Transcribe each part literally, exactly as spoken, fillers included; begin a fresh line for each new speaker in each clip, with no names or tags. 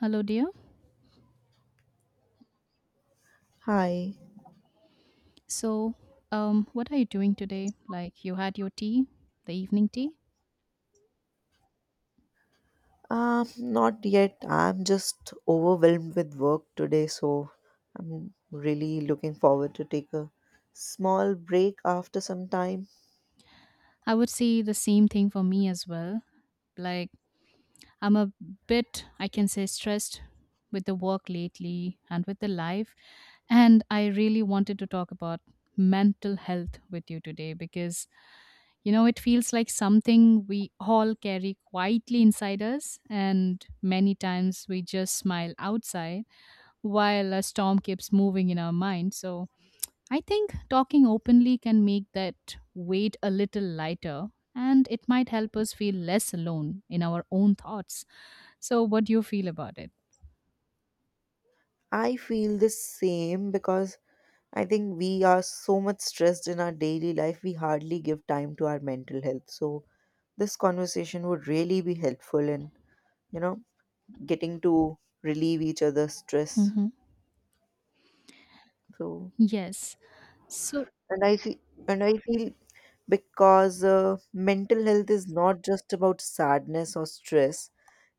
Hello, dear.
Hi.
So, um, what are you doing today? Like, you had your tea, the evening tea?
Um, not yet. I'm just overwhelmed with work today, so I'm really looking forward to take a small break after some time.
I would say the same thing for me as well. Like, I'm a bit, I can say, stressed with the work lately and with the life. And I really wanted to talk about mental health with you today because, you know, it feels like something we all carry quietly inside us. And many times we just smile outside while a storm keeps moving in our mind. So I think talking openly can make that weight a little lighter and it might help us feel less alone in our own thoughts. So, what do you feel about it?
I feel the same because I think we are so much stressed in our daily life, we hardly give time to our mental health. So this conversation would really be helpful in, you know, getting to relieve each other's stress.
hmm
So
Yes. So,
and i feel and i feel because uh, mental health is not just about sadness or stress,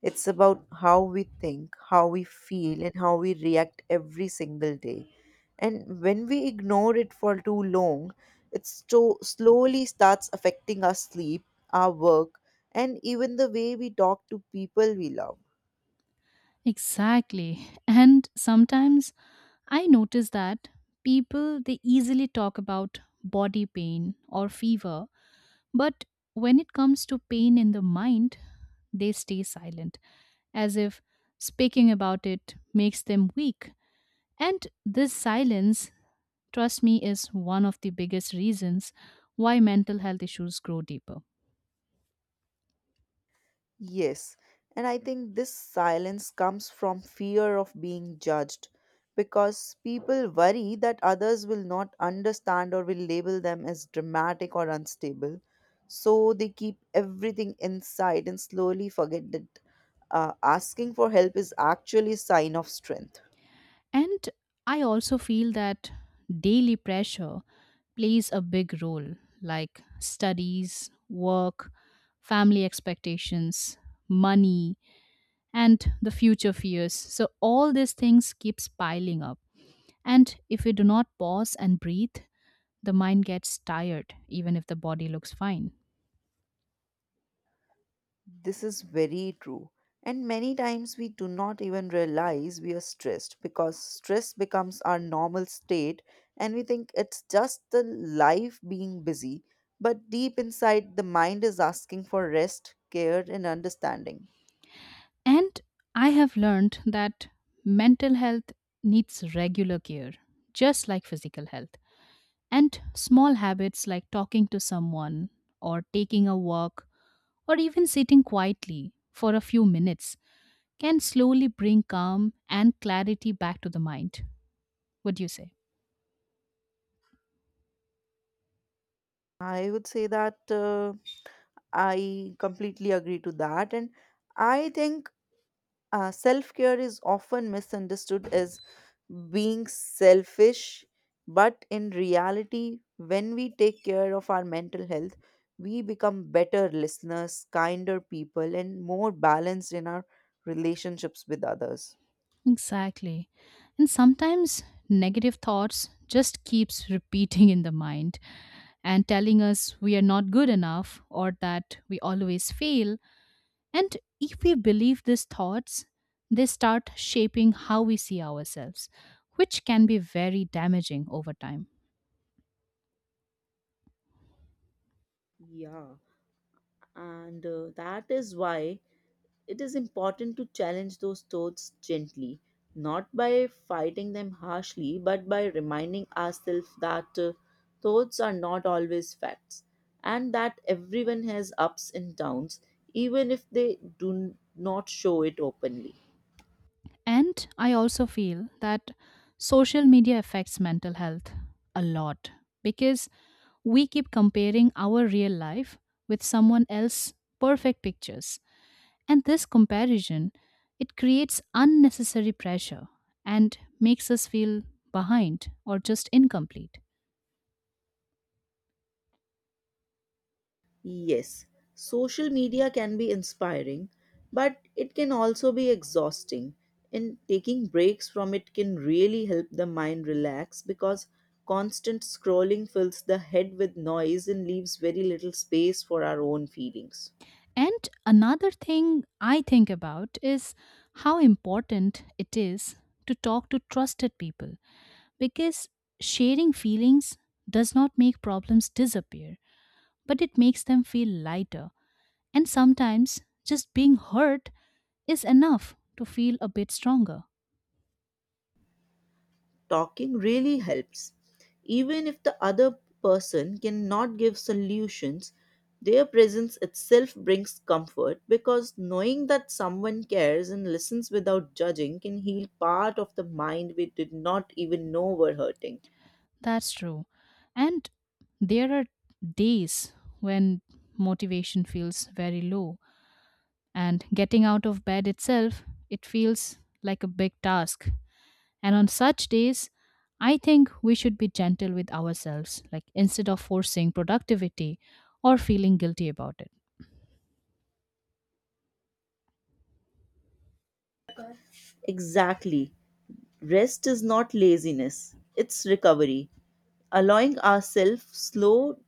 it's about how we think, how we feel, and how we react every single day. And when we ignore it for too long, it sto- slowly starts affecting our sleep, our work, and even the way we talk to people we love.
Exactly. And sometimes I notice that people they easily talk about body pain or fever, but when it comes to pain in the mind, they stay silent, as if speaking about it makes them weak. And this silence, trust me, is one of the biggest reasons why mental health issues grow deeper.
Yes, and I think this silence comes from fear of being judged because people worry that others will not understand or will label them as dramatic or unstable. So they keep everything inside and slowly forget that uh, asking for help is actually a sign of strength.
And I also feel that daily pressure plays a big role, like studies, work, family expectations, money, and the future fears. So all these things keeps piling up. And if we do not pause and breathe, the mind gets tired even if the body looks fine.
This is very true. And many times we do not even realize we are stressed because stress becomes our normal state and we think it's just the life being busy. But deep inside, the mind is asking for rest, care, and understanding.
And I have learned that mental health needs regular care, just like physical health. And small habits like talking to someone, or taking a walk, or even sitting quietly for a few minutes can slowly bring calm and clarity back to the mind. What do you say?
I would say that uh, I completely agree to that. And I think Uh, self care is often misunderstood as being selfish, but in reality, when we take care of our mental health, we become better listeners, kinder people, and more balanced in our relationships with others.
Exactly. And sometimes negative thoughts just keeps repeating in the mind and telling us we are not good enough or that we always fail. And if we believe these thoughts, they start shaping how we see ourselves, which can be very damaging over time.
Yeah, and uh, that is why it is important to challenge those thoughts gently, not by fighting them harshly, but by reminding ourselves that uh, thoughts are not always facts, and that everyone has ups and downs, even if they do not show it openly.
And I also feel that social media affects mental health a lot because we keep comparing our real life with someone else's perfect pictures. And this comparison, it creates unnecessary pressure and makes us feel behind or just incomplete.
Yes, social media can be inspiring, but it can also be exhausting. And taking breaks from it can really help the mind relax because constant scrolling fills the head with noise and leaves very little space for our own feelings.
And another thing I think about is how important it is to talk to trusted people because sharing feelings does not make problems disappear, but it makes them feel lighter. And sometimes just being heard is enough to feel a bit stronger.
Talking really helps. Even if the other person cannot give solutions, their presence itself brings comfort because knowing that someone cares and listens without judging can heal part of the mind we did not even know were hurting.
That's true. And there are days when motivation feels very low and getting out of bed itself it feels like a big task, and on such days I think we should be gentle with ourselves, like instead of forcing productivity or feeling guilty about it.
Exactly. Rest is not laziness, it's recovery. Allowing ourselves slow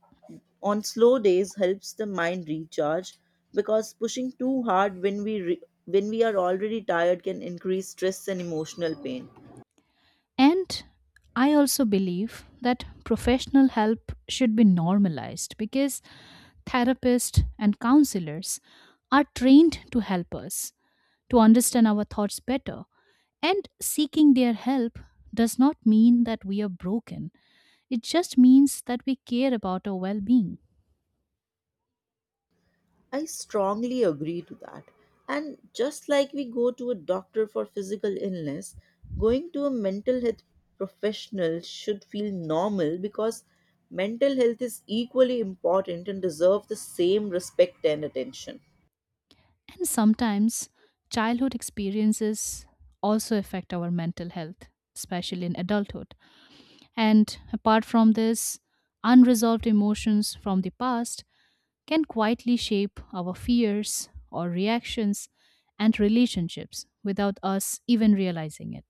on slow days helps the mind recharge because pushing too hard when we re- when we are already tired can increase stress and emotional pain.
And I also believe that professional help should be normalized because therapists and counselors are trained to help us to understand our thoughts better. And seeking their help does not mean that we are broken, it just means that we care about our well being.
I strongly agree to that, and just like we go to a doctor for physical illness, going to a mental health professional should feel normal because mental health is equally important and deserve the same respect and attention.
And sometimes childhood experiences also affect our mental health, especially in adulthood. And apart from this, unresolved emotions from the past can quietly shape our fears or reactions and relationships without us even realizing it.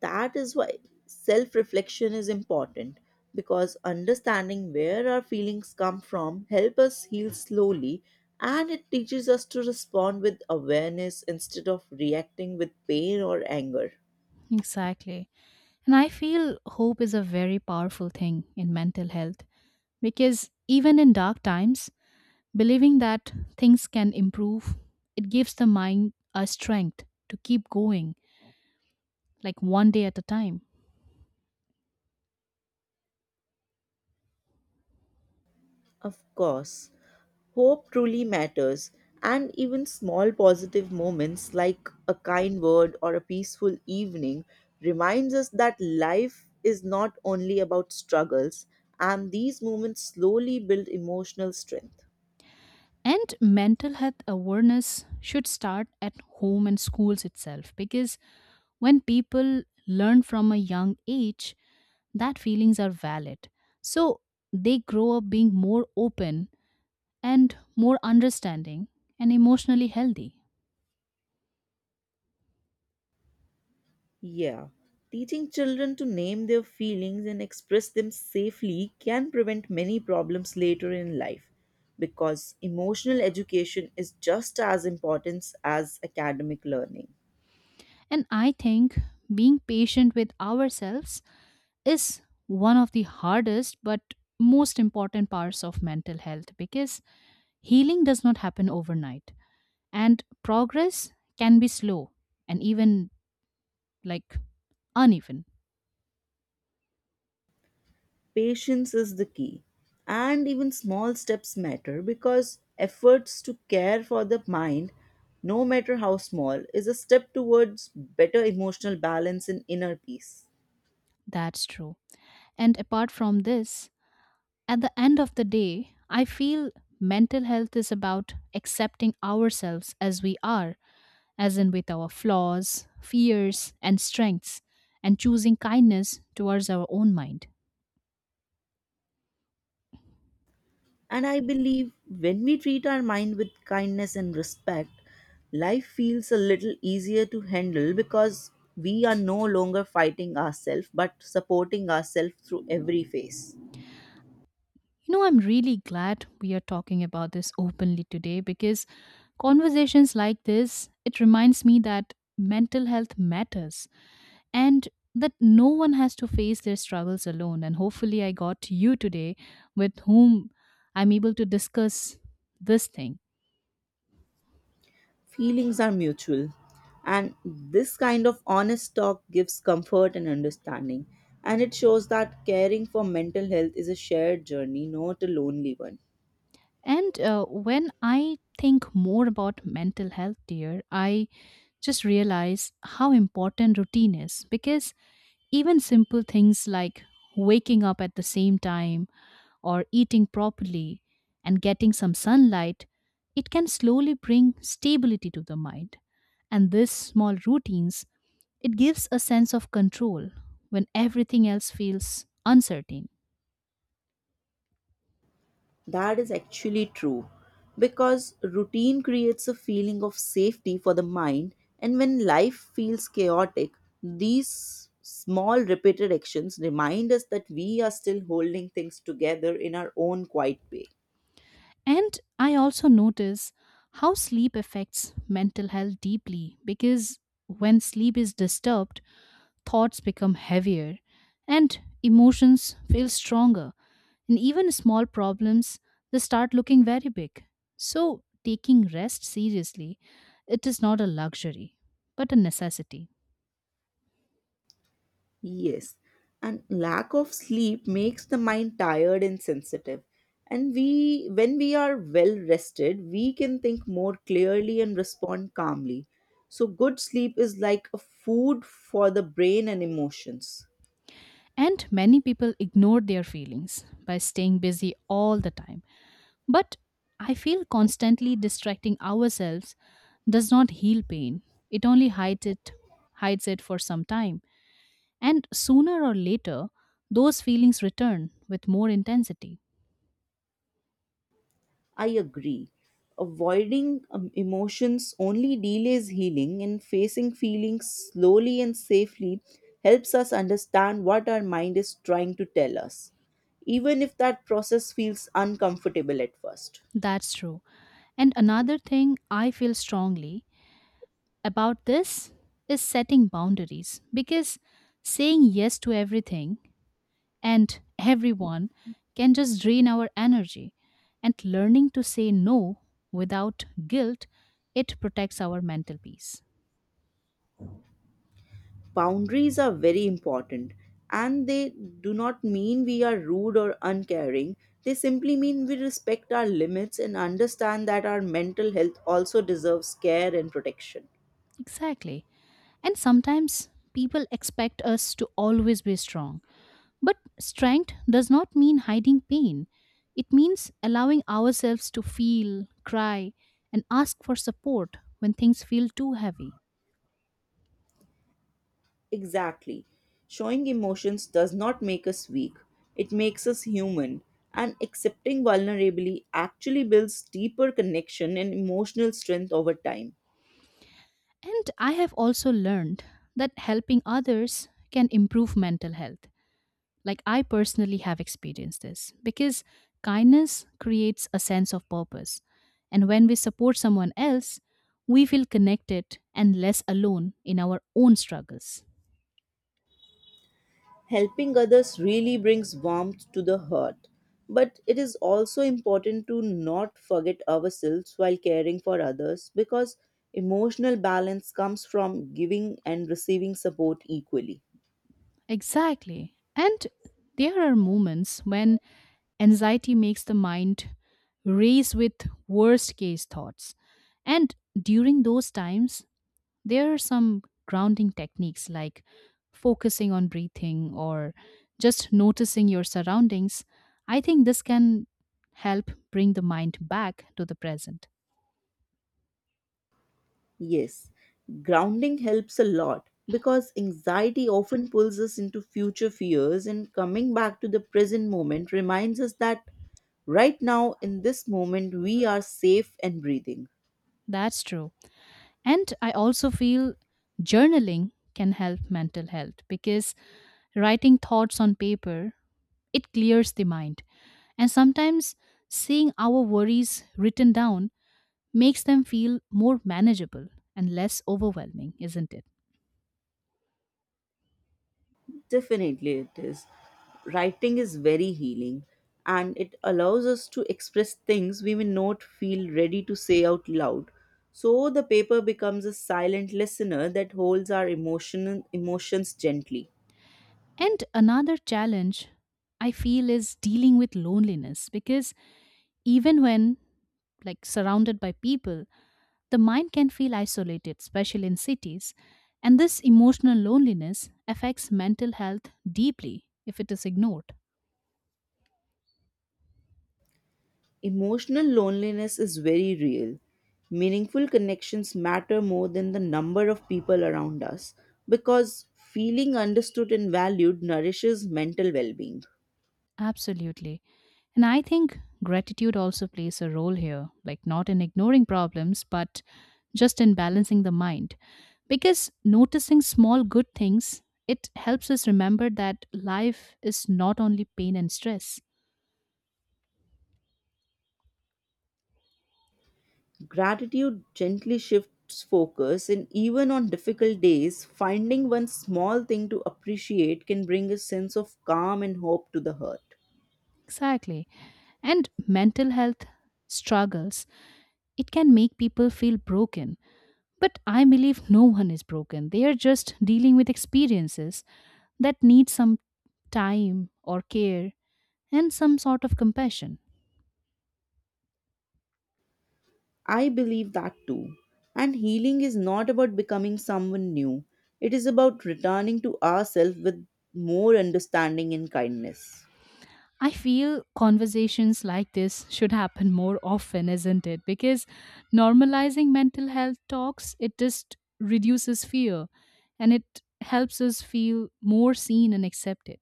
That is why self reflection is important, because understanding where our feelings come from help us heal slowly, and it teaches us to respond with awareness instead of reacting with pain or anger.
Exactly. And I feel hope is a very powerful thing in mental health because even in dark times, believing that things can improve, it gives the mind a strength to keep going, like one day at a time.
Of course. Hope truly matters, and even small positive moments like a kind word or a peaceful evening reminds us that life is not only about struggles, and these moments slowly build emotional strength.
And mental health awareness should start at home and schools itself because when people learn from a young age that feelings are valid. So they grow up being more open and more understanding and emotionally healthy.
Yeah. Teaching children to name their feelings and express them safely can prevent many problems later in life because emotional education is just as important as academic learning.
And I think being patient with ourselves is one of the hardest but most important parts of mental health because healing does not happen overnight and progress can be slow and even, like, uneven.
Patience is the key. And even small steps matter because efforts to care for the mind, no matter how small, is a step towards better emotional balance and inner peace.
That's true. And apart from this, at the end of the day, I feel mental health is about accepting ourselves as we are, as in with our flaws, fears, and strengths, and choosing kindness towards our own mind.
And I believe when we treat our mind with kindness and respect, life feels a little easier to handle because we are no longer fighting ourselves but supporting ourselves through every phase.
You know, I'm really glad we are talking about this openly today because conversations like this, it reminds me that mental health matters and that no one has to face their struggles alone. And hopefully, I got you today with whom I'm able to discuss this thing.
Feelings are mutual, and this kind of honest talk gives comfort and understanding. And it shows that caring for mental health is a shared journey, not a lonely one.
And uh, when I think more about mental health, dear, I just realize how important routine is because even simple things like waking up at the same time or eating properly and getting some sunlight, it can slowly bring stability to the mind. And these small routines, it gives a sense of control when everything else feels uncertain.
That is actually true because routine creates a feeling of safety for the mind, and when life feels chaotic, these small repeated actions remind us that we are still holding things together in our own quiet way.
And I also notice how sleep affects mental health deeply because when sleep is disturbed, thoughts become heavier and emotions feel stronger. And even small problems, they start looking very big. So, taking rest seriously, it is not a luxury, but a necessity.
Yes, and lack of sleep makes the mind tired and sensitive. And we, when we are well rested, we can think more clearly and respond calmly. So, good sleep is like a food for the brain and emotions.
And many people ignore their feelings by staying busy all the time. But I feel constantly distracting ourselves does not heal pain. It only hides it, hides it for some time. And sooner or later, those feelings return with more intensity.
I agree. Avoiding um, emotions only delays healing, and facing feelings slowly and safely helps us understand what our mind is trying to tell us, even if that process feels uncomfortable at first.
That's true. And another thing I feel strongly about this is setting boundaries because saying yes to everything and everyone can just drain our energy. And learning to say no without guilt, it protects our mental peace.
Boundaries are very important, and they do not mean we are rude or uncaring. They simply mean we respect our limits and understand that our mental health also deserves care and protection.
Exactly. And sometimes people expect us to always be strong. But strength does not mean hiding pain. It means allowing ourselves to feel, cry, and ask for support when things feel too heavy.
Exactly. Showing emotions does not make us weak, it makes us human. And accepting vulnerability actually builds deeper connection and emotional strength over time.
And I have also learned that helping others can improve mental health. Like, I personally have experienced this because kindness creates a sense of purpose. And when we support someone else, we feel connected and less alone in our own struggles.
Helping others really brings warmth to the heart. But it is also important to not forget ourselves while caring for others because emotional balance comes from giving and receiving support equally.
Exactly. And there are moments when anxiety makes the mind race with worst case thoughts. And during those times, there are some grounding techniques like focusing on breathing or just noticing your surroundings. I think this can help bring the mind back to the present.
Yes, grounding helps a lot because anxiety often pulls us into future fears, and coming back to the present moment reminds us that right now, in this moment, we are safe and breathing.
That's true. And I also feel journaling can help mental health because writing thoughts on paper it clears the mind, and sometimes seeing our worries written down makes them feel more manageable and less overwhelming, isn't it?
Definitely, it is. Writing is very healing and it allows us to express things we may not feel ready to say out loud. So, the paper becomes a silent listener that holds our emotion, emotions gently.
And another challenge I feel is dealing with loneliness because even when like surrounded by people, the mind can feel isolated, especially in cities. And this emotional loneliness affects mental health deeply if it is ignored.
Emotional loneliness is very real. Meaningful connections matter more than the number of people around us because feeling understood and valued nourishes mental well being.
Absolutely. And I think gratitude also plays a role here, like not in ignoring problems, but just in balancing the mind. Because noticing small good things, it helps us remember that life is not only pain and stress.
Gratitude gently shifts focus, and even on difficult days, finding one small thing to appreciate can bring a sense of calm and hope to the heart.
Exactly. And mental health struggles, it can make people feel broken. But I believe no one is broken. They are just dealing with experiences that need some time or care and some sort of compassion.
I believe that too. And healing is not about becoming someone new, it is about returning to ourselves with more understanding and kindness.
I feel conversations like this should happen more often, isn't it? Because normalizing mental health talks, it just reduces fear and it helps us feel more seen and accepted.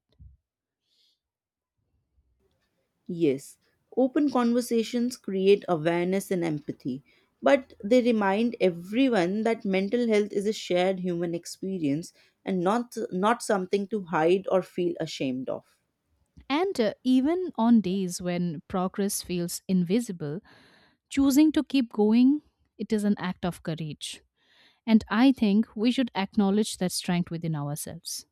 Yes, open conversations create awareness and empathy, but they remind everyone that mental health is a shared human experience and not, not something to hide or feel ashamed of.
And uh, even on days when progress feels invisible, choosing to keep going, it is an act of courage. And I think we should acknowledge that strength within ourselves.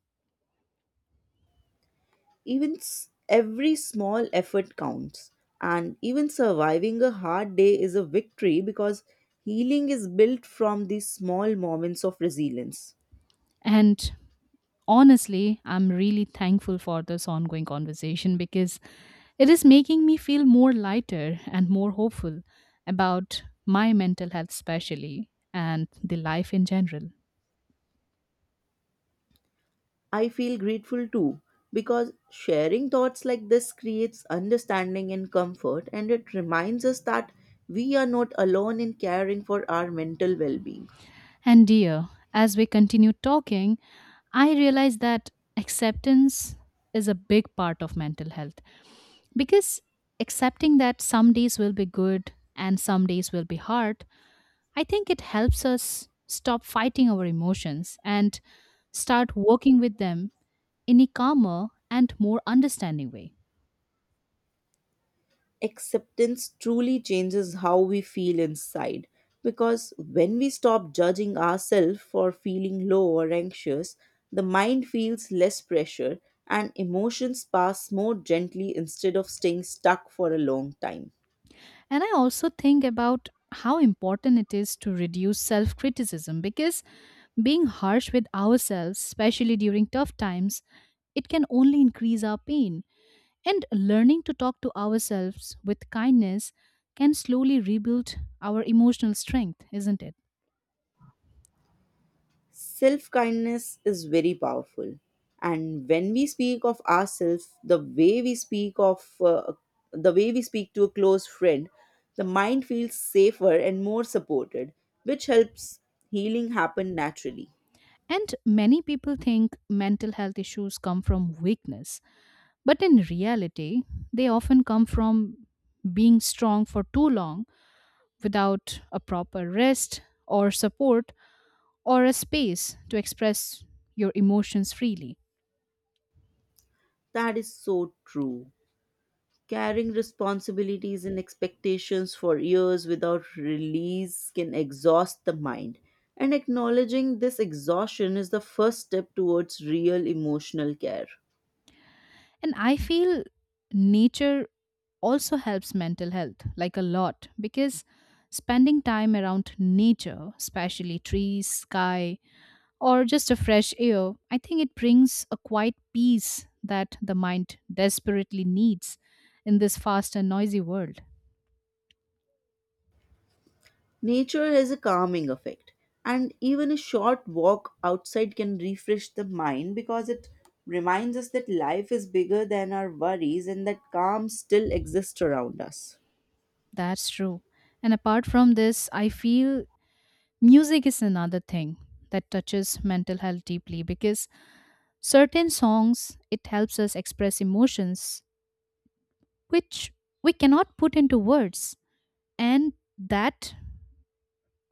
Even s- every small effort counts, and even surviving a hard day is a victory because healing is built from these small moments of resilience.
And honestly, I'm really thankful for this ongoing conversation because it is making me feel more lighter and more hopeful about my mental health, especially, and the life in general.
I feel grateful too because sharing thoughts like this creates understanding and comfort, and it reminds us that we are not alone in caring for our mental well being.
And dear, as we continue talking, I realize that acceptance is a big part of mental health because accepting that some days will be good and some days will be hard, I think it helps us stop fighting our emotions and start working with them in a calmer and more understanding way.
Acceptance truly changes how we feel inside, because when we stop judging ourselves for feeling low or anxious, the mind feels less pressure and emotions pass more gently instead of staying stuck for a long time.
And I also think about how important it is to reduce self criticism because being harsh with ourselves, especially during tough times, it can only increase our pain. And learning to talk to ourselves with kindness can slowly rebuild our emotional strength, isn't it?
Self kindness is very powerful. And when we speak of ourselves, the way we speak of uh, the way we speak to a close friend, the mind feels safer and more supported, which helps healing happen naturally.
And many people think mental health issues come from weakness, but in reality, they often come from being strong for too long without a proper rest or support or a space to express your emotions freely.
That is so true. Carrying responsibilities and expectations for years without release can exhaust the mind. And acknowledging this exhaustion is the first step towards real emotional care.
And I feel nature also helps mental health like a lot because spending time around nature, especially trees, sky, or just a fresh air, I think it brings a quiet peace that the mind desperately needs in this fast and noisy world.
Nature has a calming effect, and even a short walk outside can refresh the mind because it reminds us that life is bigger than our worries and that calm still exists around us.
That's true. And apart from this, I feel music is another thing that touches mental health deeply because certain songs it helps us express emotions which we cannot put into words, and that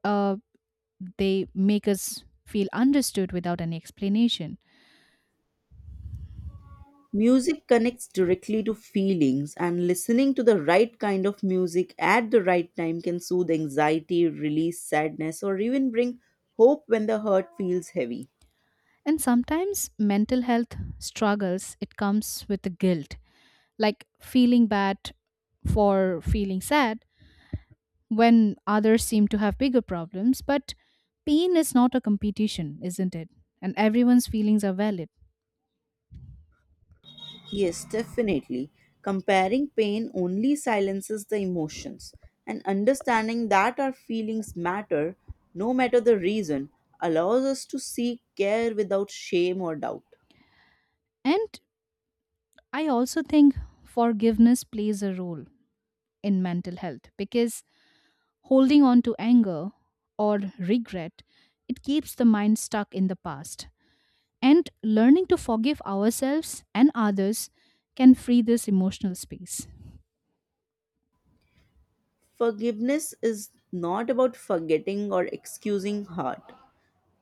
uh, they make us feel understood without any explanation.
Music connects directly to feelings, and listening to the right kind of music at the right time can soothe anxiety, release sadness, or even bring hope when the heart feels heavy.
And sometimes mental health struggles, it comes with the guilt, like feeling bad for feeling sad when others seem to have bigger problems. But pain is not a competition, isn't it? And everyone's feelings are valid.
Yes, definitely. Comparing pain only silences the emotions, and understanding that our feelings matter, no matter the reason, allows us to seek care without shame or doubt.
And I also think forgiveness plays a role in mental health because holding on to anger or regret, it keeps the mind stuck in the past. And learning to forgive ourselves and others can free this emotional space.
Forgiveness is not about forgetting or excusing hurt,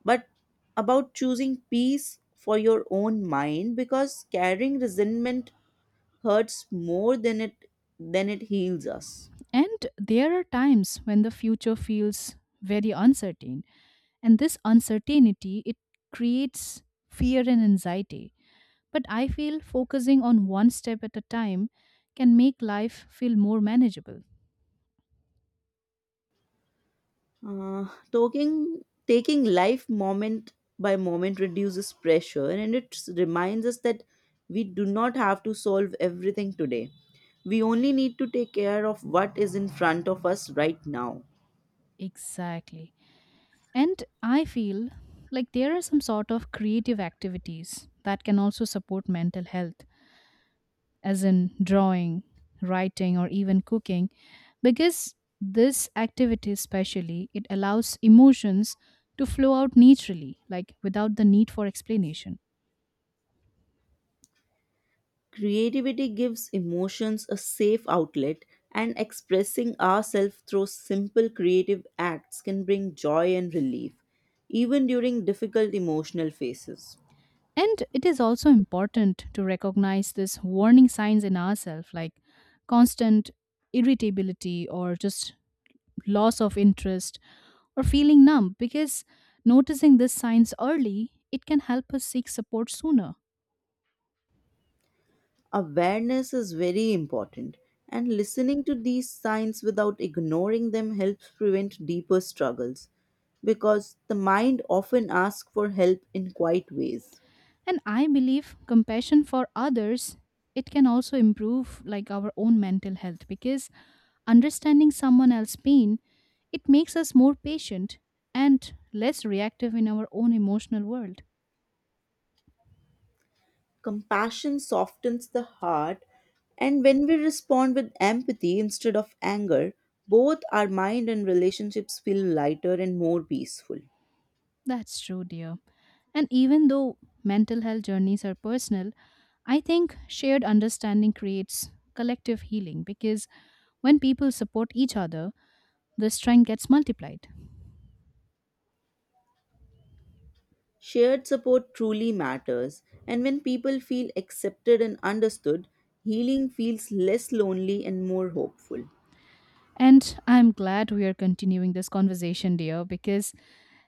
but about choosing peace for your own mind because carrying resentment hurts more than it than it heals us.
And there are times when the future feels very uncertain, and this uncertainty it creates fear and anxiety. But I feel focusing on one step at a time can make life feel more manageable.
Uh, Talking, taking life moment by moment reduces pressure and it s- reminds us that we do not have to solve everything today. We only need to take care of what is in front of us right now.
Exactly. And I feel like there are some sort of creative activities that can also support mental health, as in drawing, writing, or even cooking, because this activity, especially, it allows emotions to flow out naturally, like without the need for explanation.
Creativity gives emotions a safe outlet, and expressing ourselves through simple creative acts can bring joy and relief, even during difficult emotional phases.
And it is also important to recognize this warning signs in ourselves, like constant irritability or just loss of interest or feeling numb, because noticing these signs early, it can help us seek support sooner.
Awareness is very important, and listening to these signs without ignoring them helps prevent deeper struggles because the mind often asks for help in quiet ways.
And I believe compassion for others, it can also improve like our own mental health because understanding someone else's pain, it makes us more patient and less reactive in our own emotional world.
Compassion softens the heart, and when we respond with empathy instead of anger, both our mind and relationships feel lighter and more peaceful.
That's true, dear. And even though mental health journeys are personal, I think shared understanding creates collective healing because when people support each other, the strength gets multiplied.
Shared support truly matters, and when people feel accepted and understood, healing feels less lonely and more hopeful.
And I'm glad we are continuing this conversation, dear, because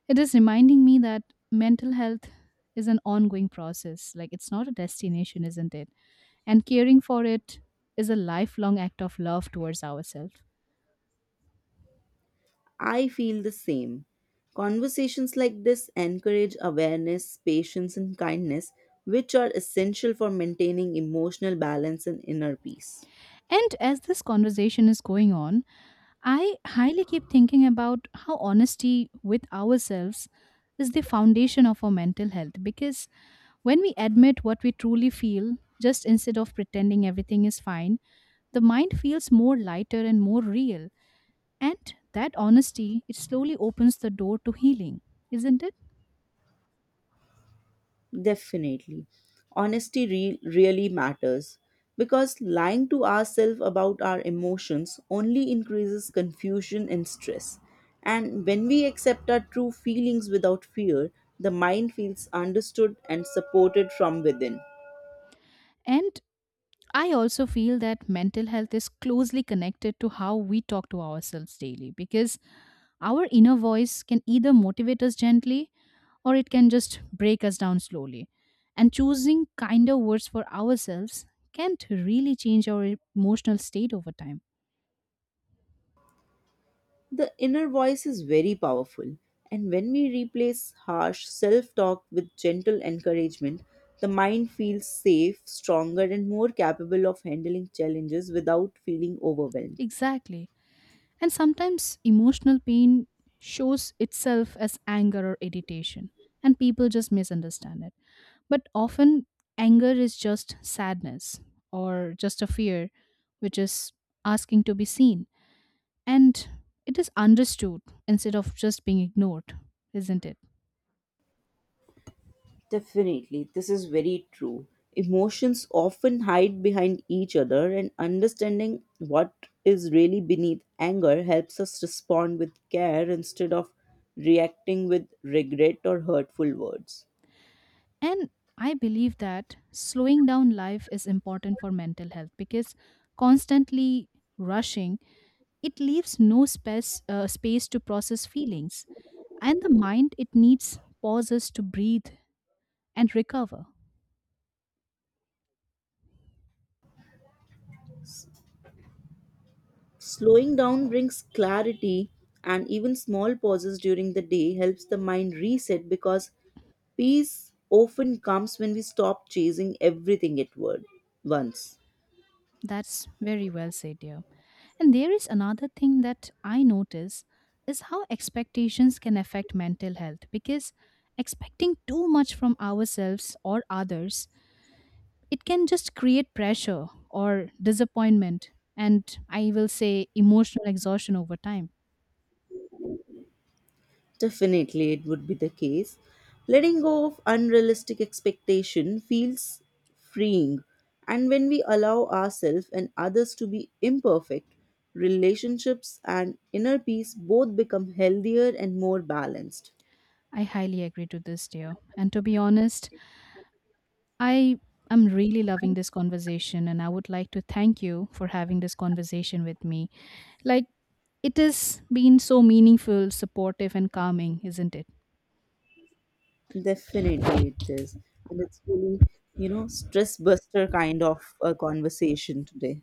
it is reminding me that mental health is an ongoing process. Like, it's not a destination, isn't it? And caring for it is a lifelong act of love towards ourselves.
I feel the same. Conversations like this encourage awareness, patience, and kindness, which are essential for maintaining emotional balance and inner peace.
And as this conversation is going on, I highly keep thinking about how honesty with ourselves is the foundation of our mental health because when we admit what we truly feel, just instead of pretending everything is fine, the mind feels more lighter and more real. And that honesty, it slowly opens the door to healing, isn't it?
Definitely. Honesty re- really matters because lying to ourselves about our emotions only increases confusion and stress. And when we accept our true feelings without fear, the mind feels understood and supported from within.
And I also feel that mental health is closely connected to how we talk to ourselves daily because our inner voice can either motivate us gently, or it can just break us down slowly. And choosing kinder words for ourselves can't really change our emotional state over time.
The inner voice is very powerful, and when we replace harsh self talk with gentle encouragement, the mind feels safe, stronger, and more capable of handling challenges without feeling overwhelmed.
Exactly. And sometimes emotional pain shows itself as anger or irritation, and people just misunderstand it. But often, anger is just sadness or just a fear, which is asking to be seen. And it is understood instead of just being ignored, isn't it?
Definitely, this is very true. Emotions often hide behind each other, and understanding what is really beneath anger helps us respond with care instead of reacting with regret or hurtful words.
And I believe that slowing down life is important for mental health because constantly rushing, it leaves no space, uh, space to process feelings. And the mind, it needs pauses to breathe and recover.
Slowing down brings clarity, and even small pauses during the day helps the mind reset because peace often comes when we stop chasing everything at word- once.
That's very well said, dear. And there is another thing that I notice is how expectations can affect mental health because expecting too much from ourselves or others, it can just create pressure or disappointment, and I will say emotional exhaustion over time.
Definitely, it would be the case. Letting go of unrealistic expectation feels freeing, and when we allow ourselves and others to be imperfect, relationships and inner peace both become healthier and more balanced.
I highly agree to this, dear. And to be honest, I am really loving this conversation, and I would like to thank you for having this conversation with me. Like, it has been so meaningful, supportive, and calming, isn't it?
Definitely, it is, and it's really, you know stress buster kind of a conversation today.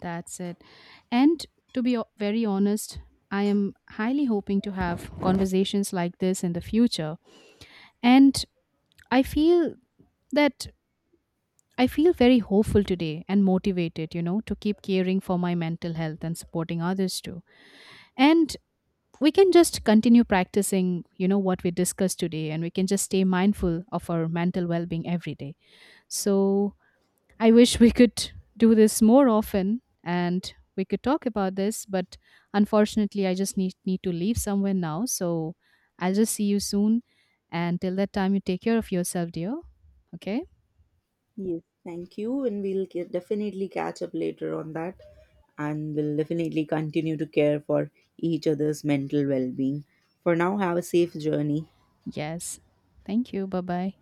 That's it. And to be o- very honest, I am highly hoping to have conversations like this in the future. And I feel that I feel very hopeful today and motivated, you know, to keep caring for my mental health and supporting others too. And we can just continue practicing, you know, what we discussed today, and we can just stay mindful of our mental well-being every day. So I wish we could do this more often and we could talk about this, but unfortunately, I just need need to leave somewhere now. So I'll just see you soon, and till that time, you take care of yourself, dear. Okay?
Yes, thank you. And we'll ca- definitely catch up later on that. And we'll definitely continue to care for each other's mental well being. For now, have a safe journey.
Yes, thank you, bye bye.